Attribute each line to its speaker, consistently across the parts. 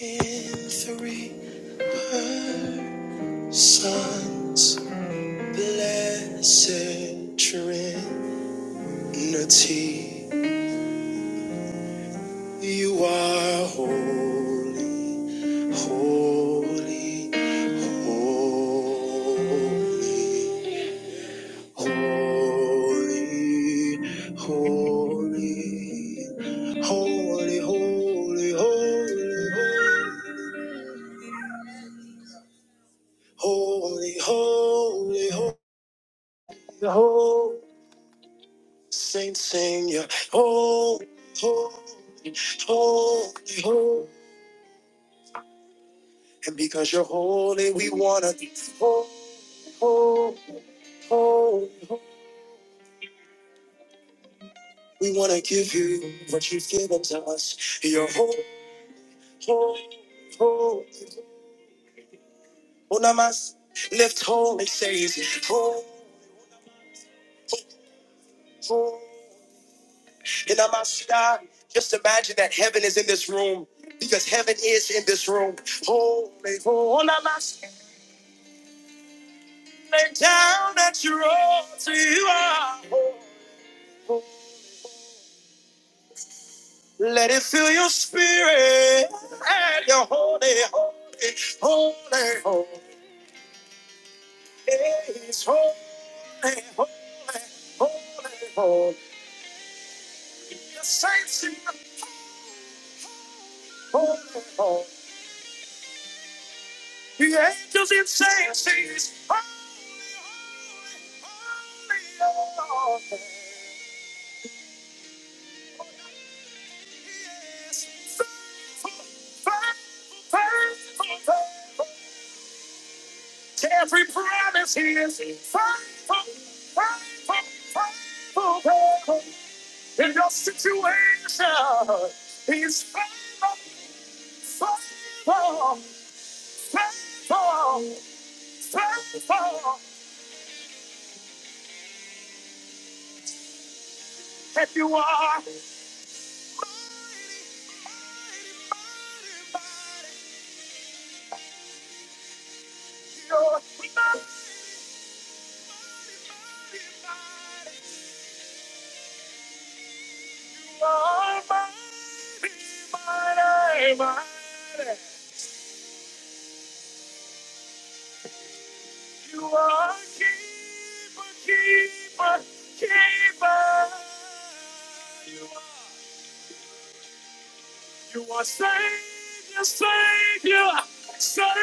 Speaker 1: In three persons, blessed Trinity, you are holy, holy, holy, holy, holy, holy, holy, holy, holy. Holy, holy, holy, holy, Saints sing your holy, holy, holy, holy. And because you're holy, we wanna be holy, holy, holy. We wanna give you what you've given to us. You're holy, holy, holy. Unamas, lift holy, says holy, holy. And I must stop. Just imagine that heaven is in this room because heaven is in this room. Holy, holy, Lay down at your altar, you are. Let it fill your spirit and your holy, holy, holy, holy. It's holy, holy, holy, holy. The saints sing holy, holy. The angels in saints sing holy, holy. holy. It's faithful, faithful, faithful, faithful. Every promise he is faithful, faithful, faithful, faithful. In your situation, he is faithful, faithful, faithful, faithful. If you are, you're almighty, mighty, mighty. You are a keeper, keeper, keeper. You are Savior, Savior, Savior.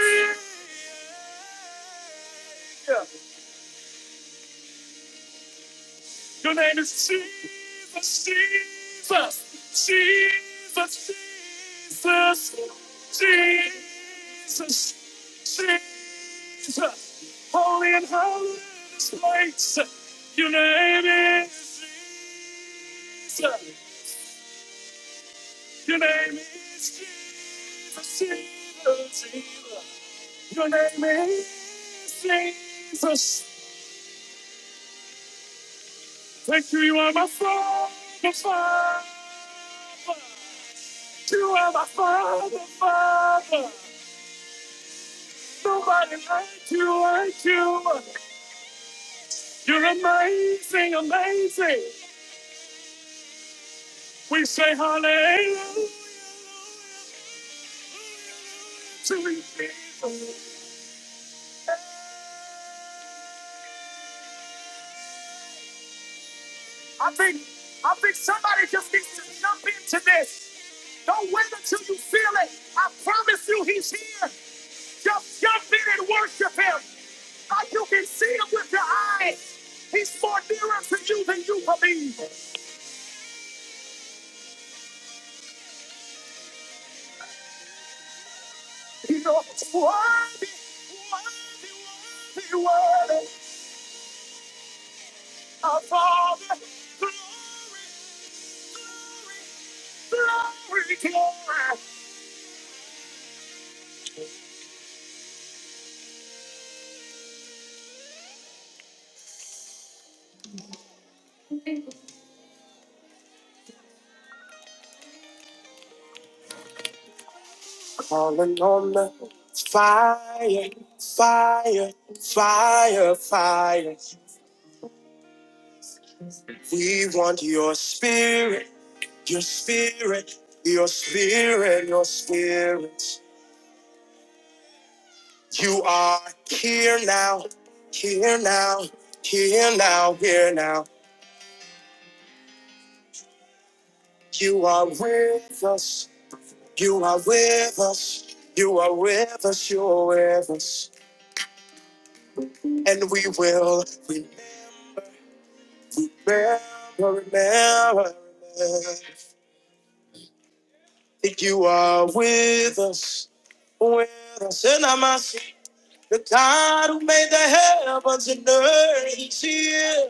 Speaker 1: Your name is Jesus, Jesus, Jesus, Jesus, Jesus, Jesus. Holy and holy is this place. Your name is Jesus. Your name is Jesus, Jesus, Jesus. Your name is Jesus. Thank you, you are my father, father. You are my father, father. Nobody like you, like you. You're amazing, amazing. We say hallelujah to you, Jesus. I think, I think somebody just needs to jump into this. Don't wait until you feel it. I promise you, he's here. Just jump in and worship him like you can see him with your eyes. He's more nearer to you than you believe. You know, it's worthy, you worthy of all the glory, glory. Calling on the fire, fire, fire, fire. We want your spirit, your spirit, your spirit, your spirit. You are here now, here now, here now, here now. You are with us. You are with us. You are with us. You are with us. And we will remember, remember remember, that you are with us. With us. And I must say, the God who made the heavens and earth is here.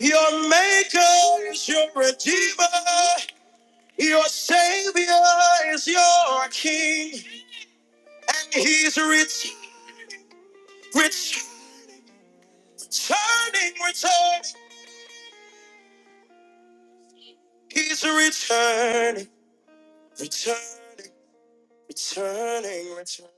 Speaker 1: Your maker is your redeemer. Your savior is your king. And he's rich, rich, returning, returning. He's returning, returning, returning, returning.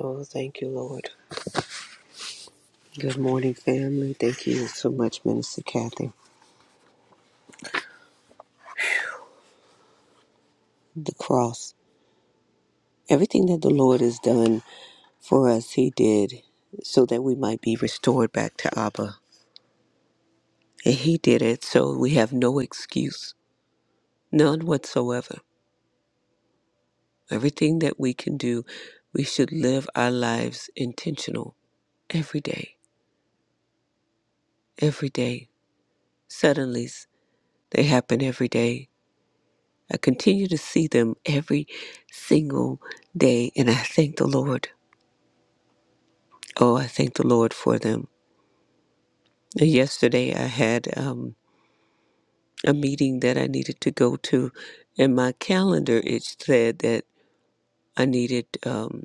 Speaker 2: Oh, thank you, Lord. Good morning, family. Thank you so much, Minister Kathy. The cross. Everything that the Lord has done for us, He did so that we might be restored back to Abba. And He did it so we have no excuse, none whatsoever. Everything that we can do, we should live our lives intentional every day, every day. Suddenlies, they happen every day I continue to see them every single day, and I thank the Lord. Oh, I thank the Lord for them. Yesterday, I had um, a meeting that I needed to go to, and my calendar it said that I needed. Um,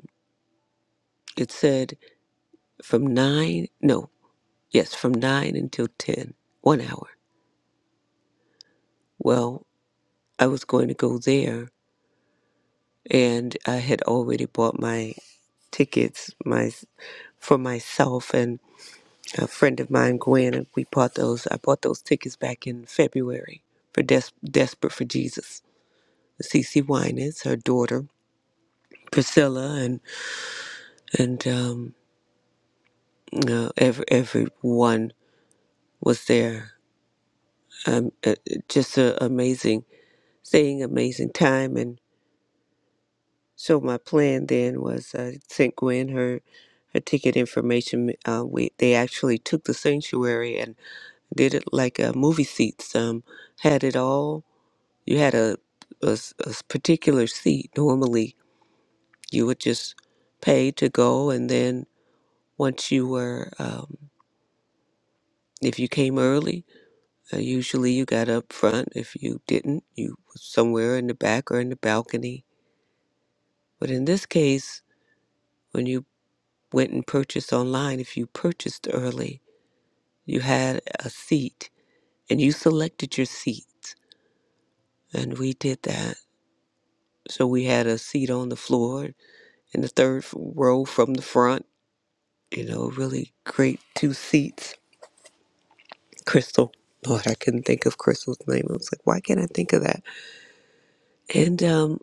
Speaker 2: it said from nine, no, yes, from nine until ten, one hour. Well, I was going to go there, and I had already bought my tickets, my for myself, and. a friend of mine, Gwen, and we bought those. I bought those tickets back in February for Des- Desperate for Jesus. Cece Winans, her daughter Priscilla, and and um, uh, every everyone was there. Um, uh, just a amazing, thing, amazing time. And so my plan then was I sent Gwen her her ticket information. Uh, we they actually took the sanctuary and did it like uh, movie seats. Um, had it all You had a, a s- a s- particular seat. Normally, you would just pay to go, and then once you were, um, if you came early, uh, usually you got up front. If you didn't, you was somewhere in the back or in the balcony. But in this case, when you went and purchased online, if you purchased early, you had a seat, and you selected your seat, and we did that. So we had a seat on the floor in the third row from the front you know, really great two seats. Crystal. Lord, I couldn't think of Crystal's name. I was like, why can't I think of that? And um,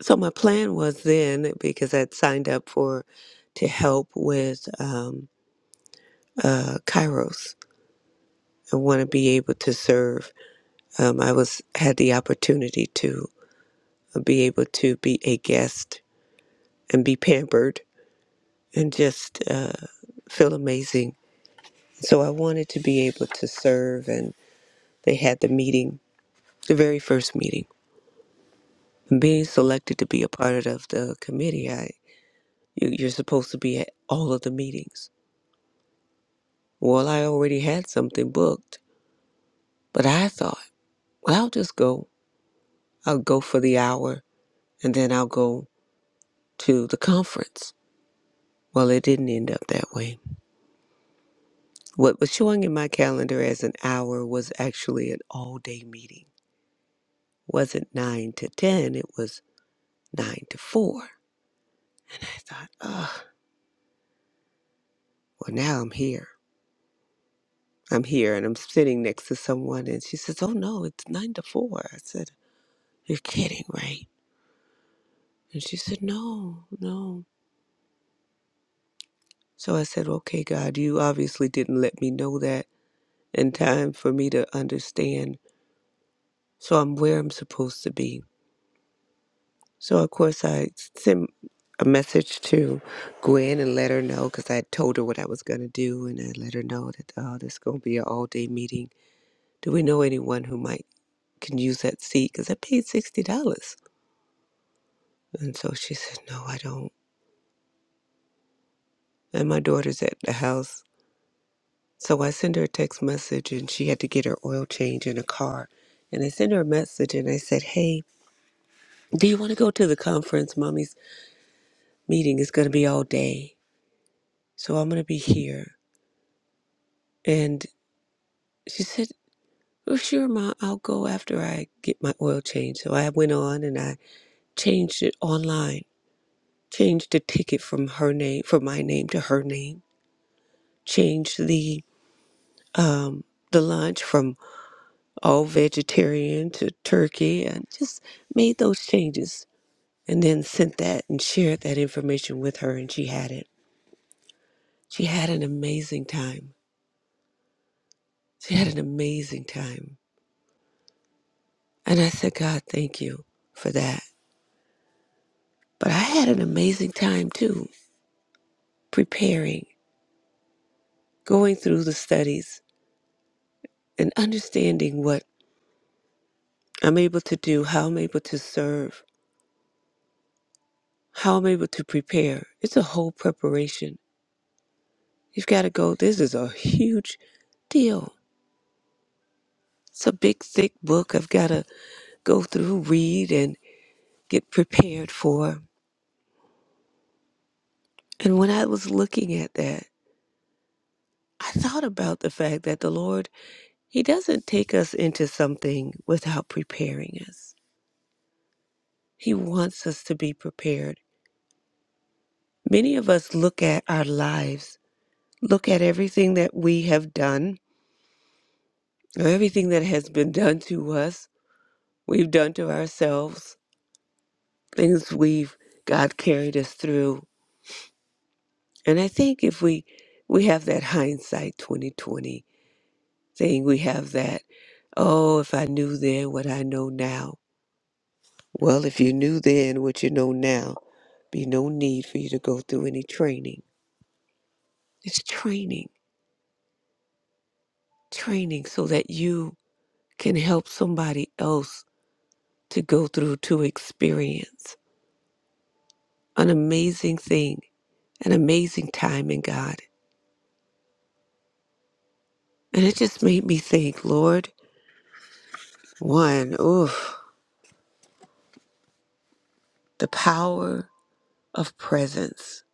Speaker 2: so my plan was then, because I'd signed up for to help with um, uh, Kairos. I want to be able to serve. Um, I was had the opportunity to uh, be able to be a guest and be pampered and just uh, feel amazing. So I wanted to be able to serve, and they had the meeting, the very first meeting being selected to be a part of the committee, I you, you're supposed to be at all of the meetings. Well, I already had something booked, but I thought, well, I'll just go. I'll go for the hour, and then I'll go to the conference. Well, it didn't end up that way. What was showing in my calendar as an hour was actually an all-day meeting. wasn't nine to ten. It was nine to four. I thought, oh, well, now I'm here. I'm here and I'm sitting next to someone and she says, Oh no, it's nine to four." I said, You're kidding, right? And she said, No, no. So I said, Okay, God, you obviously didn't let me know that in time for me to understand. So I'm where I'm supposed to be. So of course I sent a message to Gwen and let her know because I had told her what I was going to do and I let her know that oh, this is going to be an all day meeting. Do we know anyone who might can use that seat? Because I paid sixty dollars. And so she said, No, I don't. And my daughter's at the house. So I sent her a text message and she had to get her oil change in a car. And I sent her a message and I said, Hey, do you want to go to the conference? Mommy's meeting is going to be all day. So I'm going to be here. And she said, Well, sure, Ma, I'll go after I get my oil change. So I went on and I changed it online, changed the ticket from her name, from my name to her name, changed the, um, the lunch from all vegetarian to turkey and just made those changes and then sent that and shared that information with her and she had it. She had an amazing time. She had an amazing time. And I said, God, thank you for that. But I had an amazing time too, preparing, going through the studies and understanding what I'm able to do, how I'm able to serve, how I'm able to prepare. It's a whole preparation. You've got to go. This is a huge deal It's a big, thick book I've got to go through, read, and get prepared for. And when I was looking at that, I thought about the fact that the Lord, He doesn't take us into something without preparing us. He wants us to be prepared. Many of us look at our lives, look at everything that we have done, or everything that has been done to us, we've done to ourselves, things we've God carried us through, And I think if we we have that hindsight 2020 thing, we have that, oh, if I knew then what I know now. Well, if you knew then what you know now, be no need for you to go through any training. It's training, training so that you can help somebody else to go through to experience an amazing thing, an amazing time in God. And it just made me think, Lord, one, oof, the power of presence,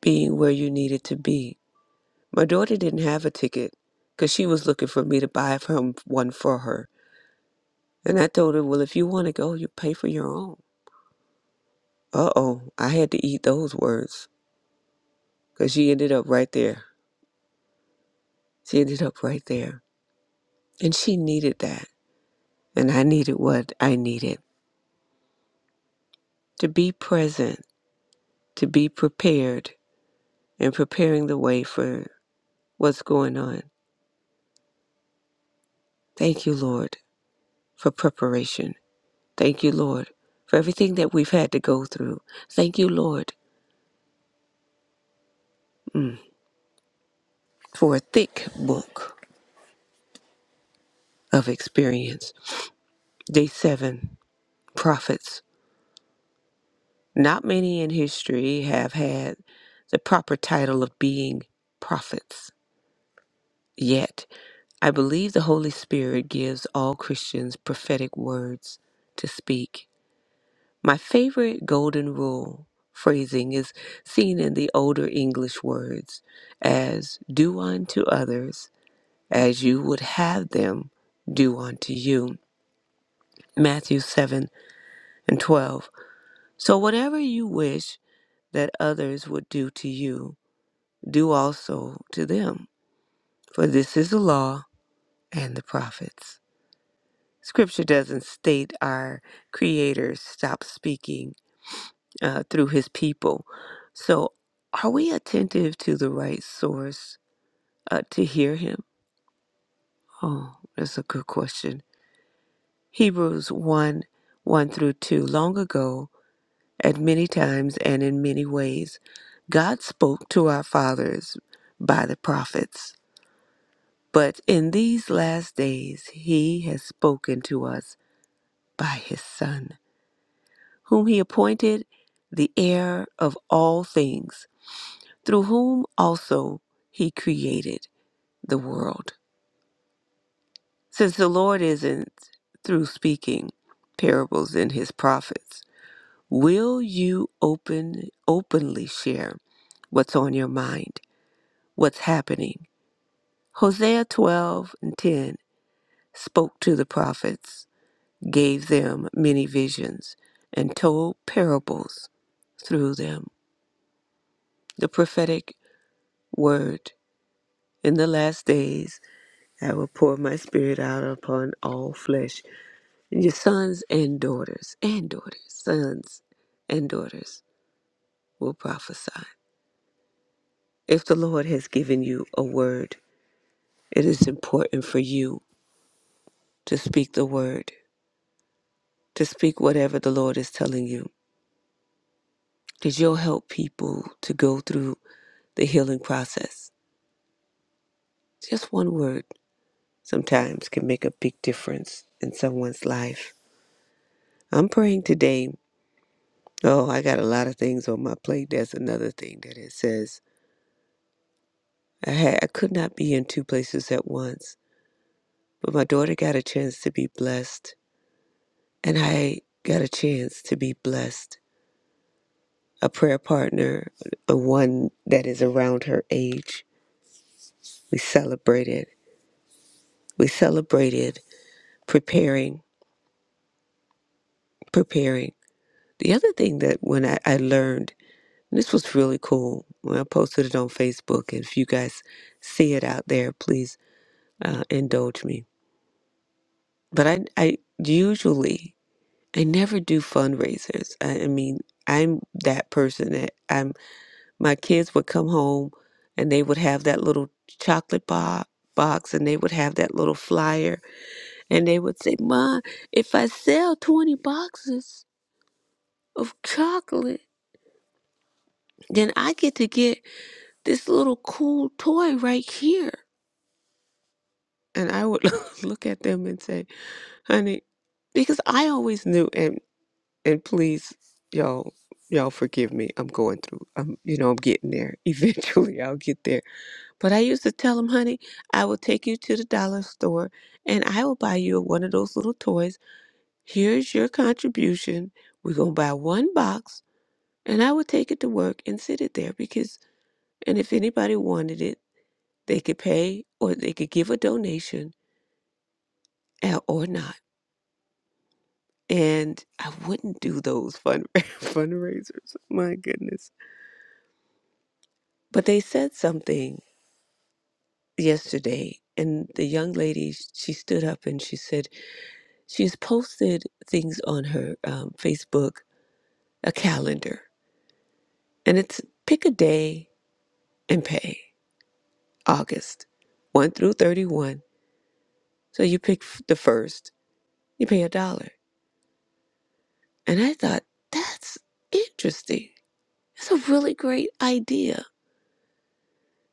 Speaker 2: being where you needed to be. My daughter didn't have a ticket because she was looking for me to buy from one for her. And I told her, well, if you want to go, you pay for your own. Uh oh, I had to eat those words because she ended up right there. She ended up right there. And she needed that. And I needed what I needed to be present, to be prepared, and preparing the way for what's going on. Thank you, Lord, for preparation. Thank you, Lord, for everything that we've had to go through. Thank you, Lord, mm, for a thick book of experience. Day seven, prophets. Not many in history have had the proper title of being prophets. Yet, I believe the Holy Spirit gives all Christians prophetic words to speak. My favorite golden rule phrasing is seen in the older English words as do unto others as you would have them do unto you. Matthew 7 and 12. So whatever you wish that others would do to you, do also to them. For this is the law and the prophets. Scripture doesn't state our Creator stops speaking uh, through his people. So are we attentive to the right source uh, to hear him? Oh, that's a good question. Hebrews 1 1 through 2. Long ago, At many times and in many ways, God spoke to our fathers by the prophets, but in these last days, He has spoken to us by His Son, whom He appointed the heir of all things, through whom also He created the world. Since the Lord isn't through speaking parables in His prophets, will you open openly share what's on your mind? what's happening. Hosea 12 and 10 spoke to the prophets, gave them many visions, and told parables through them. The prophetic word in the last days, I will pour my spirit out upon all flesh. And your sons and daughters, and daughters, sons and daughters will prophesy. If the Lord has given you a word, it is important for you to speak the word to speak whatever the Lord is telling you because you'll help people to go through the healing process. Just one word sometimes can make a big difference in someone's life. I'm praying today. Oh, I got a lot of things on my plate. That's another thing that it says. I, had, I could not be in two places at once, but my daughter got a chance to be blessed, and I got a chance to be blessed. A prayer partner, the one that is around her age. We celebrated we celebrated preparing, preparing. The other thing that when I, I learned, and this was really cool, when I posted it on Facebook, and if you guys see it out there, please uh, indulge me. But I, I usually, I never do fundraisers. I, I mean, I'm that person that I'm. My kids would come home, and they would have that little chocolate bar box, and they would have that little flyer, and they would say, "Ma, if I sell twenty boxes." of chocolate. Then I get to get this little cool toy right here. And I would look at them and say, honey, because I always knew and and please y'all y'all forgive me. I'm going through. I'm you know, I'm getting there. Eventually I'll get there. But I used to tell them, honey, I will take you to the dollar store and I will buy you one of those little toys. Here's your contribution. We're gonna buy one box and I would take it to work and sit it there because And if anybody wanted it, they could pay or they could give a donation uh, or not. And I wouldn't do those fund- fundraisers. My goodness. But they said something yesterday, and the young lady, she stood up and she said, she's posted things on her um, Facebook, a calendar. And it's pick a day and pay, August 1 through 31. So you pick f- the first, you pay a dollar. And I thought, that's interesting. It's a really great idea.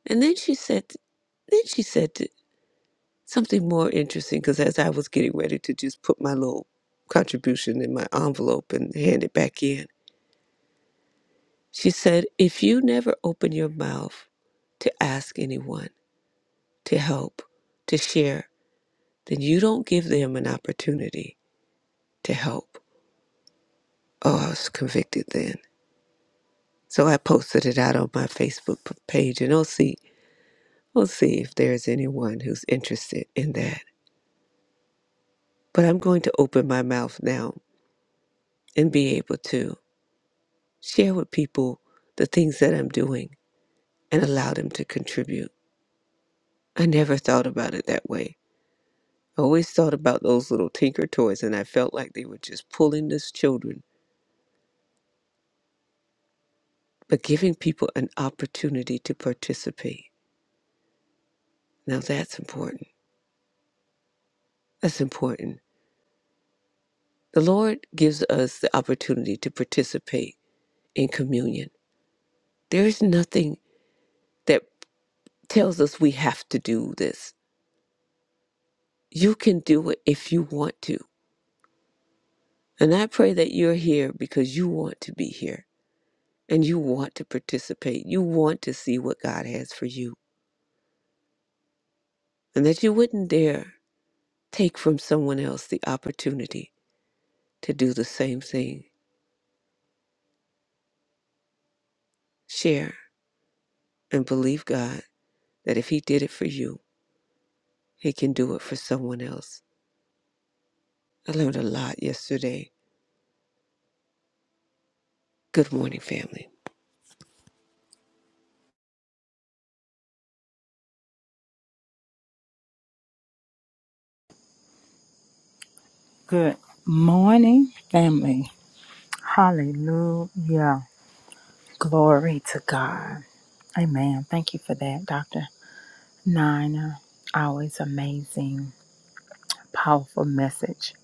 Speaker 2: And then she said, then she said t- something more interesting because as I was getting ready to just put my little contribution in my envelope and hand it back in, she said, if you never open your mouth to ask anyone to help, to share, then you don't give them an opportunity to help. Oh, I was convicted then. So I posted it out on my Facebook p- page, and OC. We'll see if there's anyone who's interested in that. But I'm going to open my mouth now and be able to share with people the things that I'm doing and allow them to contribute. I never thought about it that way. I always thought about those little tinker toys and I felt like they were just pulling us children, but giving people an opportunity to participate. Now that's important. That's important. The Lord gives us the opportunity to participate in communion. There is nothing that tells us we have to do this. You can do it if you want to. And I pray that you're here because you want to be here and you want to participate. You want to see what God has for you. And that you wouldn't dare take from someone else the opportunity to do the same thing. Share and believe God that if He did it for you, He can do it for someone else. I learned a lot yesterday. Good morning, family.
Speaker 3: Good morning, family. Hallelujah. Glory to God. Amen. Thank you for that, Dr. Nina. Always amazing, powerful message,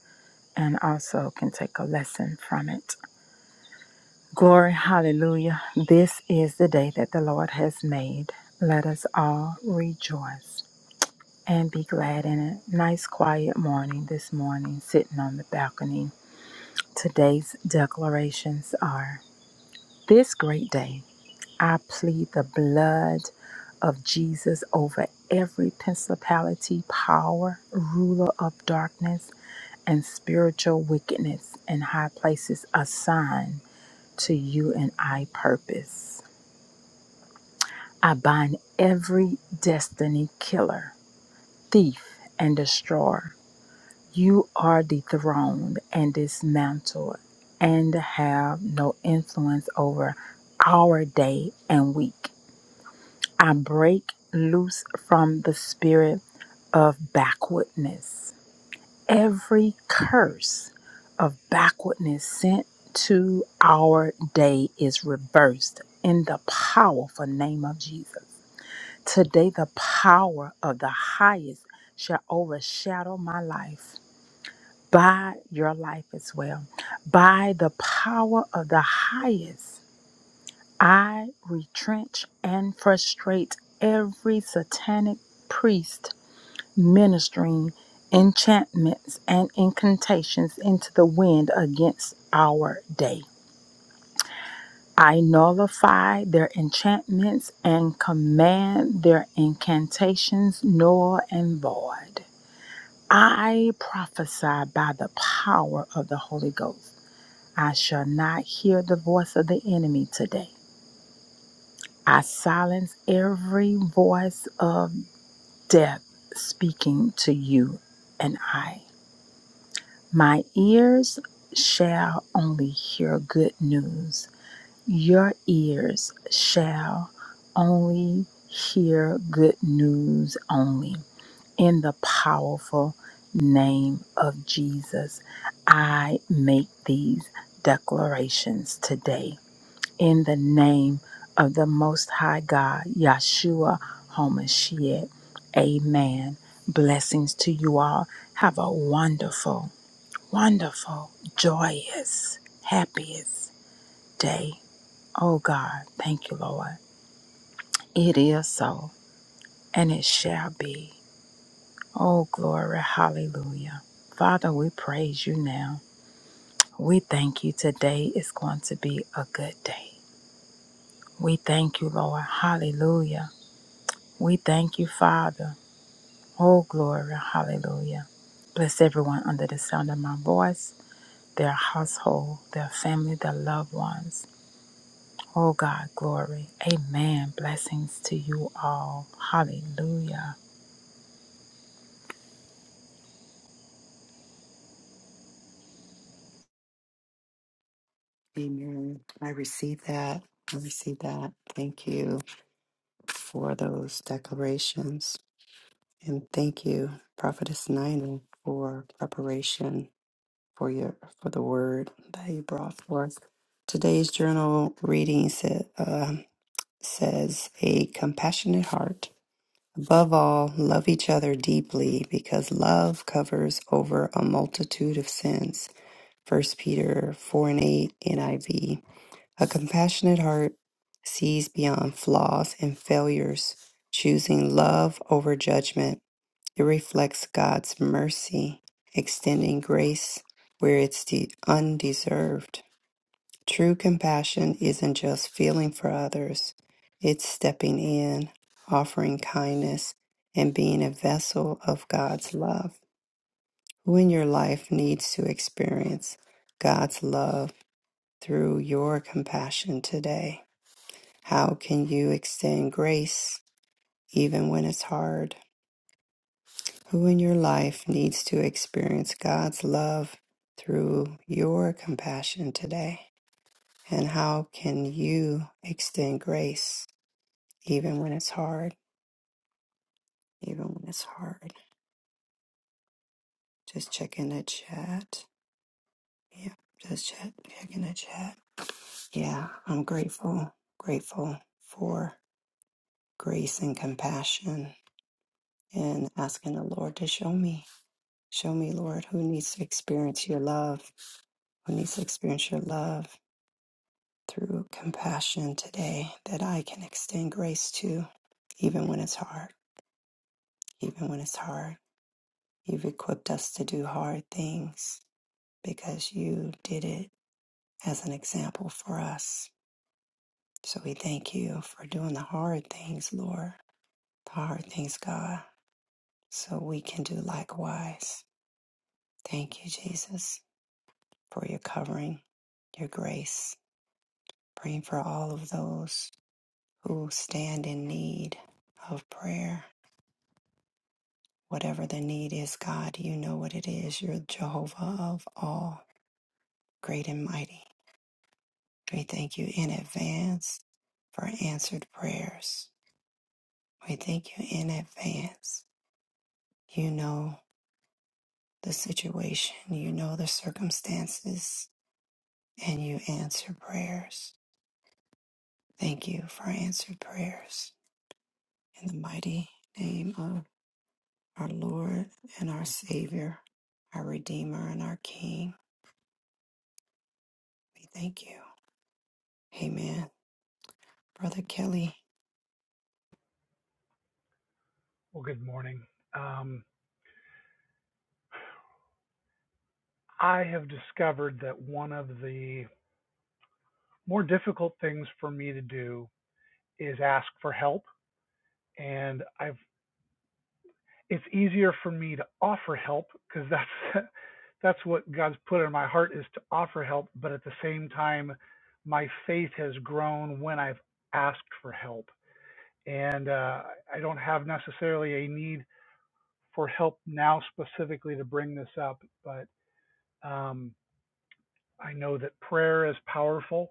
Speaker 3: and also can take a lesson from it. Glory, hallelujah. This is the day that the Lord has made. Let us all rejoice and be glad in it. Nice, quiet morning this morning, sitting on the balcony. Today's declarations are. This great day, I plead the blood of Jesus over every principality, power, ruler of darkness, and spiritual wickedness in high places assigned to you and I purpose. I bind every destiny killer, thief, and destroyer. You are dethroned and dismantled and have no influence over our day and week. I break loose from the spirit of backwardness. Every curse of backwardness sent to our day is reversed in the powerful name of Jesus. Today, the power of the highest shall overshadow my life. By your life as well. By the power of the highest. I retrench and frustrate every satanic priest ministering enchantments and incantations into the wind against our day. I nullify their enchantments and command their incantations null and void. I prophesy by the power of the Holy Ghost. I shall not hear the voice of the enemy today. I silence every voice of death speaking to you and I. My ears shall only hear good news. Your ears shall only hear good news only. In the powerful name of Jesus, I make these declarations today in the name of the Most High God, Yahshua HaMashiach. Amen. Blessings to you all. Have a wonderful, wonderful, joyous, happiest day. Oh God, thank you, Lord. It is so, and it shall be. Oh, glory, hallelujah. Father, we praise you now. We thank you today is going to be a good day. We thank you, Lord. Hallelujah. We thank you, Father. Oh, glory. Hallelujah. Bless everyone under the sound of my voice, their household, their family, their loved ones. Oh, God, glory. Amen. Blessings to you all. Hallelujah.
Speaker 4: Well, good morning. Um, I have discovered that one of the more difficult things for me to do is ask for help, and I've it's easier for me to offer help because that's that's what God's put in my heart is to offer help. But at the same time, my faith has grown when I've asked for help, and uh, I don't have necessarily a need for help now specifically to bring this up, but um, I know that prayer is powerful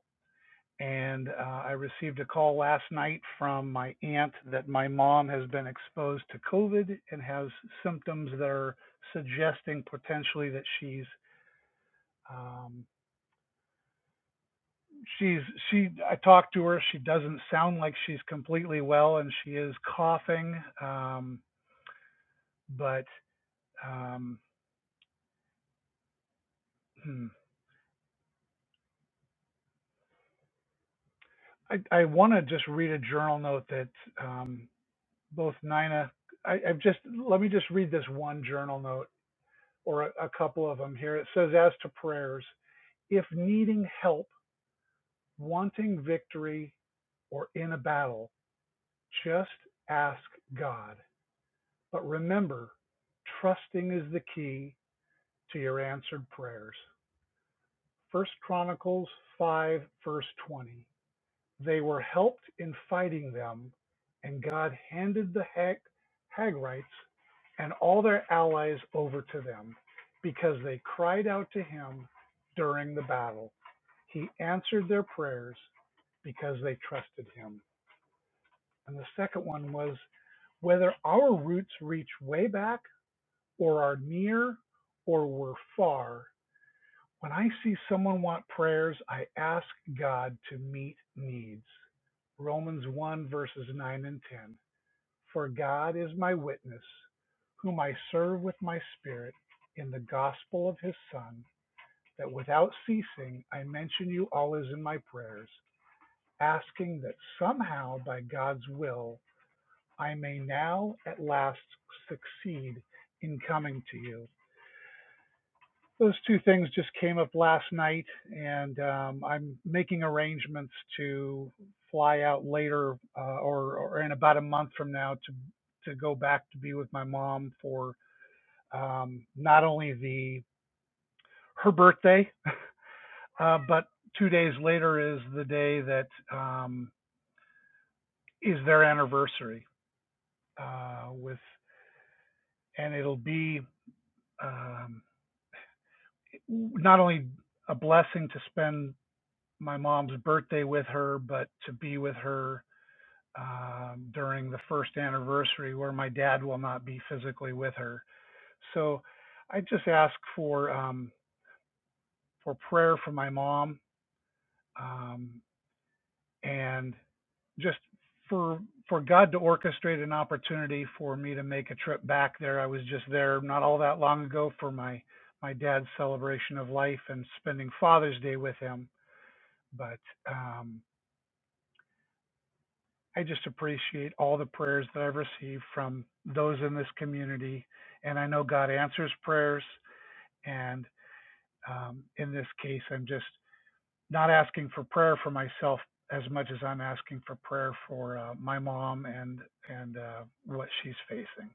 Speaker 4: And uh, I received a call last night from my aunt that my mom has been exposed to COVID and has symptoms that are suggesting potentially that she's um, she's she. I talked to her. She doesn't sound like she's completely well, and she is coughing. Um, but um, hmm. I, I want to just read a journal note that um, both Nina. I, I've just let me just read this one journal note or a, a couple of them here. It says, as to prayers, if needing help, wanting victory, or in a battle, just ask God. But remember, trusting is the key to your answered prayers. First Chronicles 5, verse 20. They were helped in fighting them, and God handed the Hag- Hagrites and all their allies over to them because they cried out to him during the battle. He answered their prayers because they trusted him. And the second one was whether our roots reach way back or are near or were far. When I see someone want prayers, I ask God to meet needs. Romans 1 verses 9 and 10. For God is my witness, whom I serve with my spirit in the gospel of his Son, that without ceasing I mention you always in my prayers Asking that somehow by God's will I may now at last succeed in coming to you. Those two things just came up last night, and um, I'm making arrangements to fly out later uh, or, or in about a month from now to to go back to be with my mom for um, not only the her birthday, uh, but two days later is the day that um, is their anniversary uh, with and it'll be um, not only a blessing to spend my mom's birthday with her, but to be with her um, during the first anniversary where my dad will not be physically with her. So I just ask for um, for prayer for my mom um, and just for for God to orchestrate an opportunity for me to make a trip back there. I was just there not all that long ago for my my dad's celebration of life and spending Father's Day with him. But um, I just appreciate all the prayers that I've received from those in this community, and I know God answers prayers. And um, in this case, I'm just not asking for prayer for myself as much as I'm asking for prayer for uh, my mom and and uh, what she's facing.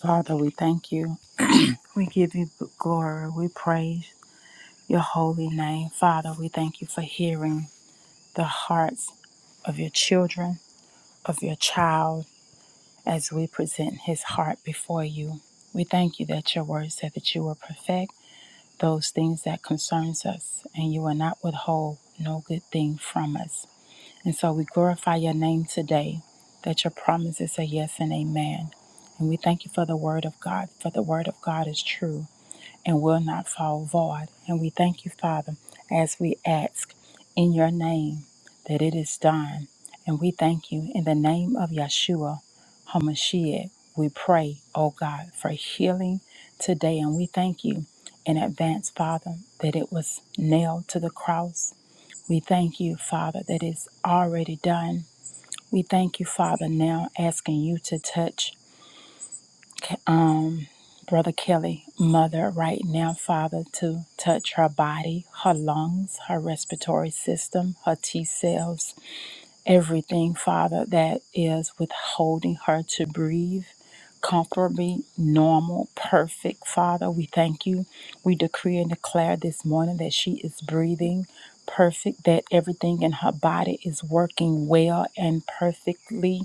Speaker 3: Father, we thank you. We give you glory. We praise your holy name. Father, we thank you for hearing the hearts of your children, of your child, as we present his heart before you. We thank you that your word said that you will perfect those things that concerns us, and you will not withhold no good thing from us. And so we glorify your name today, that your promises are yes and amen. And we thank you for the word of God, for the word of God is true and will not fall void. And we thank you, Father, as we ask in your name that it is done. And we thank you in the name of Yeshua HaMashiach. We pray, O God, for healing today. And we thank you in advance, Father, that it was nailed to the cross. We thank you, Father, that it's already done. We thank you, Father, now asking you to touch. um, Brother Kelly, mother, right now, Father, to touch her body, her lungs, her respiratory system, her T cells, everything, Father, that is withholding her to breathe comfortably, normal, perfect, Father. We thank you. We decree and declare this morning that she is breathing perfect, that everything in her body is working well and perfectly.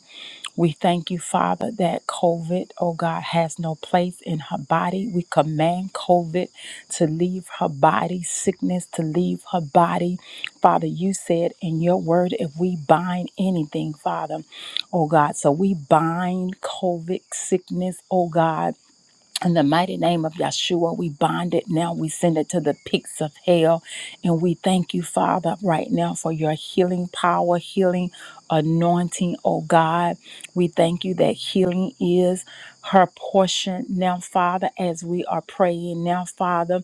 Speaker 3: We thank you, Father, that COVID, oh God, has no place in her body. We command COVID to leave her body, sickness to leave her body. Father, you said in your word, if we bind anything, Father, oh God, so we bind COVID sickness, oh God. In the mighty name of Yeshua, we bind it now. We send it to the pits of hell. And we thank you, Father, right now for your healing power, healing anointing, oh God. We thank you that healing is her portion now, Father, as we are praying now, Father.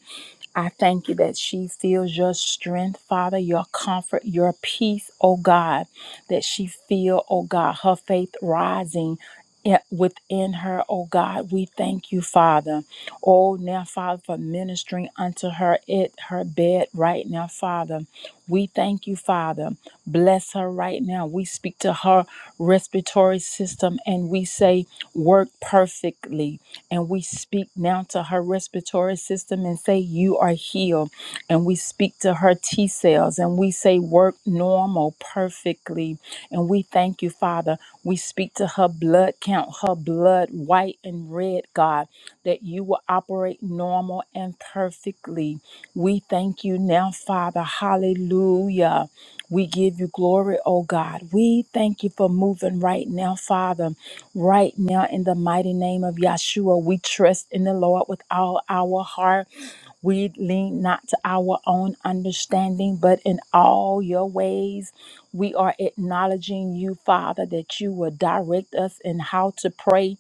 Speaker 3: I thank you that she feels your strength, Father, your comfort, your peace, oh God, that she feel, oh God, her faith rising i- within her, oh God. We thank you, Father. Oh, now, Father, for ministering unto her at her bed right now, Father. We thank you, Father. Bless her right now. We speak to her respiratory system and we say, work perfectly and we speak now to her respiratory system and say, You are healed. And we speak to her T cells and we say, Work normal perfectly. And we thank you, Father. We speak to her blood count, her blood white and red, God, that you will operate normal and perfectly. We thank you now, Father. Hallelujah. We give you glory, oh God. We thank you for moving right now, Father. Right now, in the mighty name of Yahshua, we trust in the Lord with all our heart. We lean not to our own understanding, but in all your ways, we are acknowledging you, Father, that you will direct us in how to pray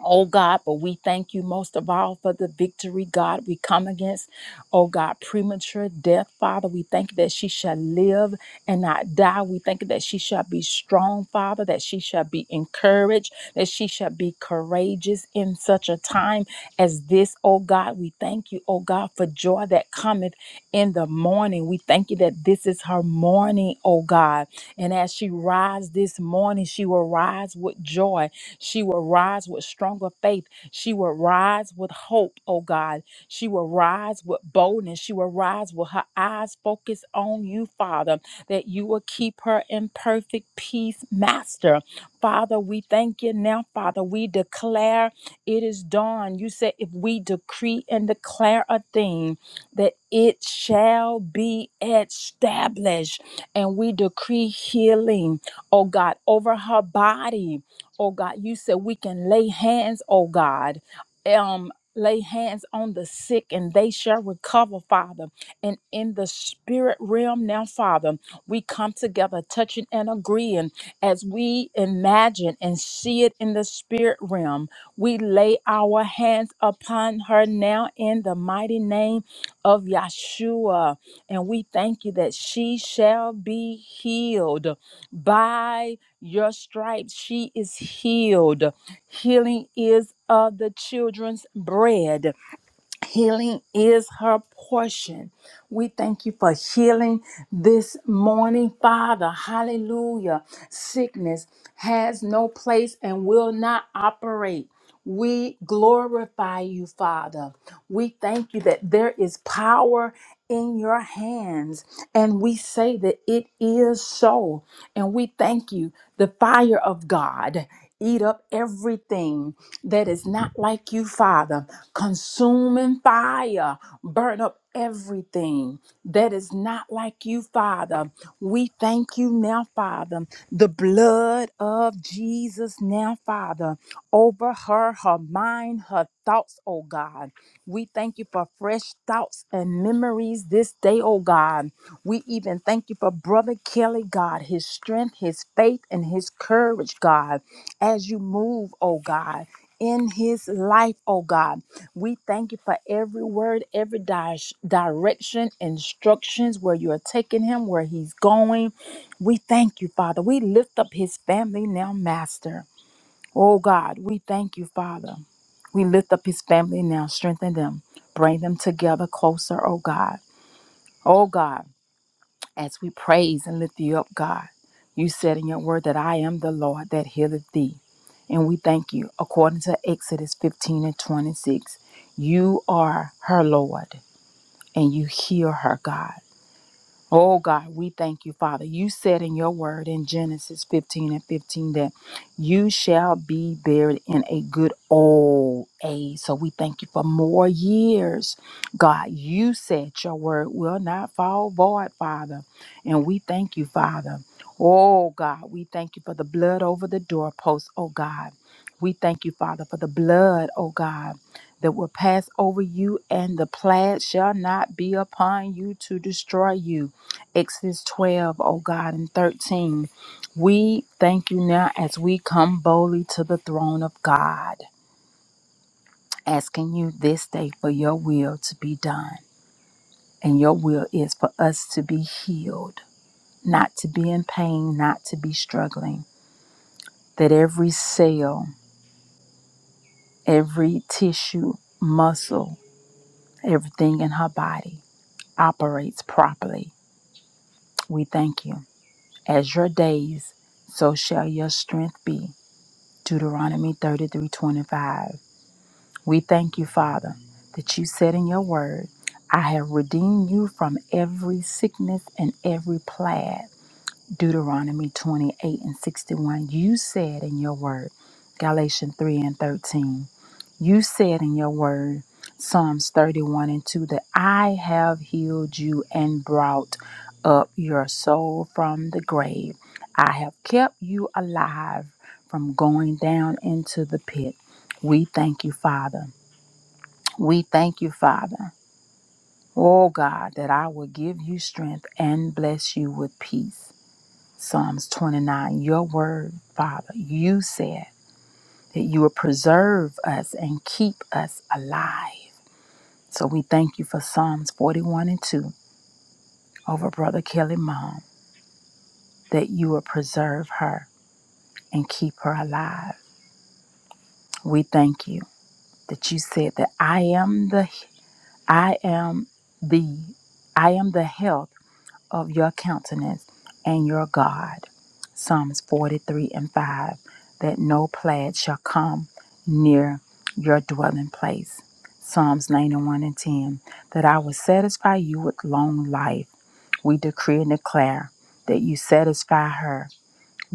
Speaker 3: Oh God, but we thank you most of all for the victory, God. We come against, oh God, premature death, Father. We thank you that she shall live and not die. We thank you that she shall be strong, Father, that she shall be encouraged, that she shall be courageous in such a time as this, oh God. We thank you, oh God, for joy that cometh in the morning. We thank you that this is her morning, oh God. And as she rises this morning, she will rise with joy she will rise with stronger faith. She will rise with hope, oh God. She will rise with boldness. She will rise with her eyes focused on you, Father, that you will keep her in perfect peace, Master. Father, we thank you now, Father. We declare it is done. You said if we decree and declare a thing, that it shall be established. And we decree healing, oh God, over her body oh God. You said we can lay hands, oh God. Um, lay hands on the sick and they shall recover, Father. And in the spirit realm now, Father, we come together touching and agreeing as we imagine and see it in the spirit realm. We lay our hands upon her now in the mighty name of Yeshua. And we thank you that she shall be healed by your stripes she is healed healing is of the children's bread Healing is her portion. We thank you for healing this morning, Father. Hallelujah. Sickness has no place and will not operate. We glorify you, Father. We thank you that there is power in your hands, and we say that it is so. And we thank you, the fire of God. Eat up everything that is not like you, Father consuming fire. Burn up everything that is not like you, Father. We thank you now, Father. The blood of Jesus now, Father, over her, her mind, her thoughts, oh God. We thank you for fresh thoughts and memories this day, oh God. We even thank you for Brother Kelly, God, his strength, his faith, and his courage, God, as you move, oh God in his life, oh God. We thank you for every word, every di- direction, instructions, where you are taking him, where he's going. We thank you, Father. We lift up his family now, Master. Oh God, we thank you, Father. We lift up his family now, strengthen them, bring them together closer, oh God. Oh God as we praise and lift you up, God. You said in your word that I am the Lord that healeth thee. And we thank you. According to Exodus 15 and 26, you are her Lord and you heal her, God. Oh God, we thank you, Father. You said in your word in Genesis 15 and 15 that you shall be buried in a good old age. So we thank you for more years. God, you said your word will not fall void, Father. And we thank you, Father. Oh God, we thank you for the blood over the doorpost, oh God. We thank you, Father, for the blood, oh God, that will pass over you, and the plaid shall not be upon you to destroy you. Exodus 12, O God, and 13. We thank you now as we come boldly to the throne of God, asking you this day for your will to be done. And your will is for us to be healed, not to be in pain, not to be struggling. That every cell, every tissue, muscle, everything in her body operates properly. We thank you. As your days, so shall your strength be. Deuteronomy 33:25. We thank you, Father, that you said in your word, I have redeemed you from every sickness and every plague. Deuteronomy 28 and 61. You said in your word, Galatians 3 and 13. You said in your word, Psalms 31 and 2, that I have healed you and brought up your soul from the grave. I have kept you alive from going down into the pit. We thank you, Father. We thank you, Father. Oh God, that I will give you strength and bless you with peace. Psalms 29, your word, Father, you said that you will preserve us and keep us alive. So we thank you for Psalms 41 and 2 over Brother Kelly Mom that you will preserve her and keep her alive. We thank you that you said that I am the I am the I am the health of your countenance and your God. Psalms 43 and 5 that no plague shall come near your dwelling place. Psalms 91 and 10 that I will satisfy you with long life We decree and declare that you satisfy her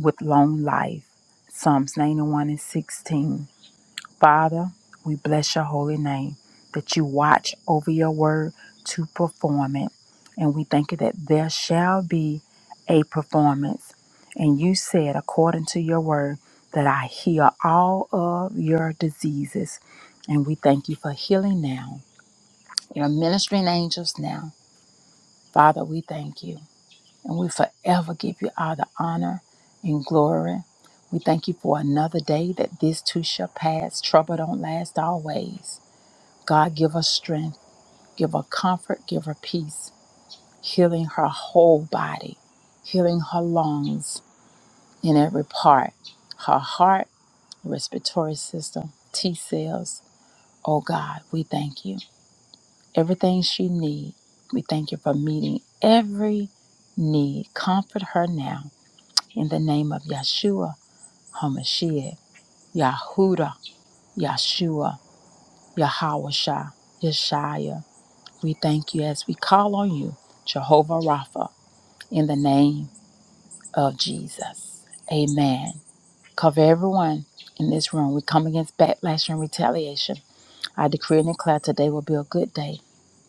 Speaker 3: with long life. Psalms 91 and 16. Father, we bless your holy name that you watch over your word to perform it. And we thank you that there shall be a performance. And you said, according to your word, that I heal all of your diseases. And we thank you for healing now. Your ministering angels now. Father, we thank you and we forever give you all the honor and glory. We thank you for another day that this too shall pass. Trouble don't last always. God, give her strength, give her comfort, give her peace, healing her whole body, healing her lungs in every part, her heart, respiratory system, T cells. Oh God, we thank you. Everything she needs, we thank you for meeting every need. Comfort her now in the name of Yeshua HaMashiach, Yahuda, Yeshua, Yahawashah, Yeshaya. We thank you as we call on you, Jehovah Rapha, in the name of Jesus. Amen. Cover everyone in this room. We come against backlash and retaliation. I decree and declare today will be a good day.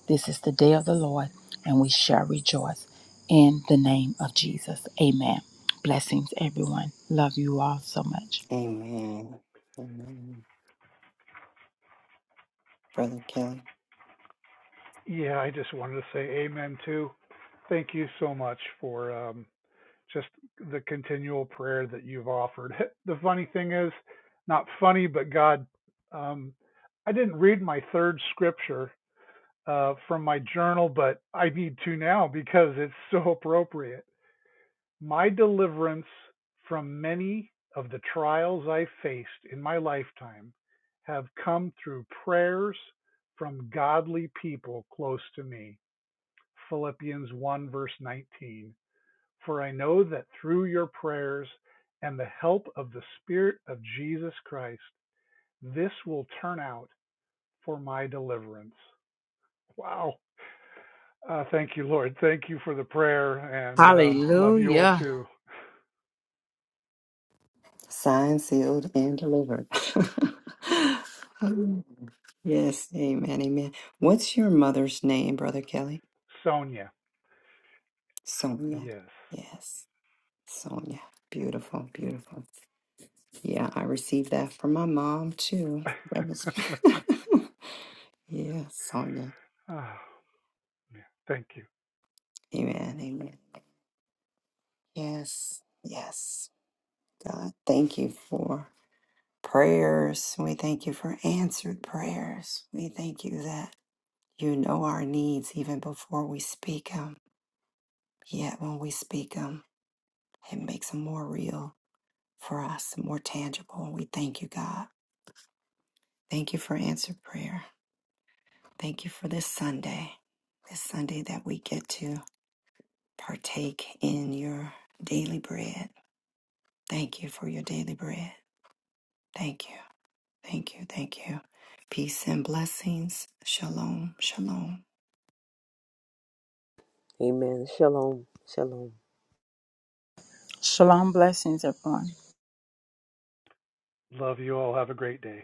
Speaker 3: This is the day of the Lord, and we shall rejoice in the name of Jesus. Amen. Blessings, everyone. Love you all so much.
Speaker 4: Yeah, I just wanted to say amen too. Thank you so much for um, just the continual prayer that you've offered. The funny thing is, not funny, but God, um, I didn't read my third scripture uh, from my journal, but I need to now because it's so appropriate My deliverance from many of the trials I faced in my lifetime have come through prayers from godly people close to me. Philippians 1, verse 19. For I know that through your prayers and the help of the Spirit of Jesus Christ, this will turn out for my deliverance. Wow. Uh, thank you, Lord. Thank you for the prayer and um, love you all
Speaker 3: Hallelujah.
Speaker 4: too. Sonia. Yes. oh, man. Thank you.
Speaker 2: Amen. Shalom. Shalom.
Speaker 3: Shalom blessings, everyone.
Speaker 4: Love you all. Have a great day.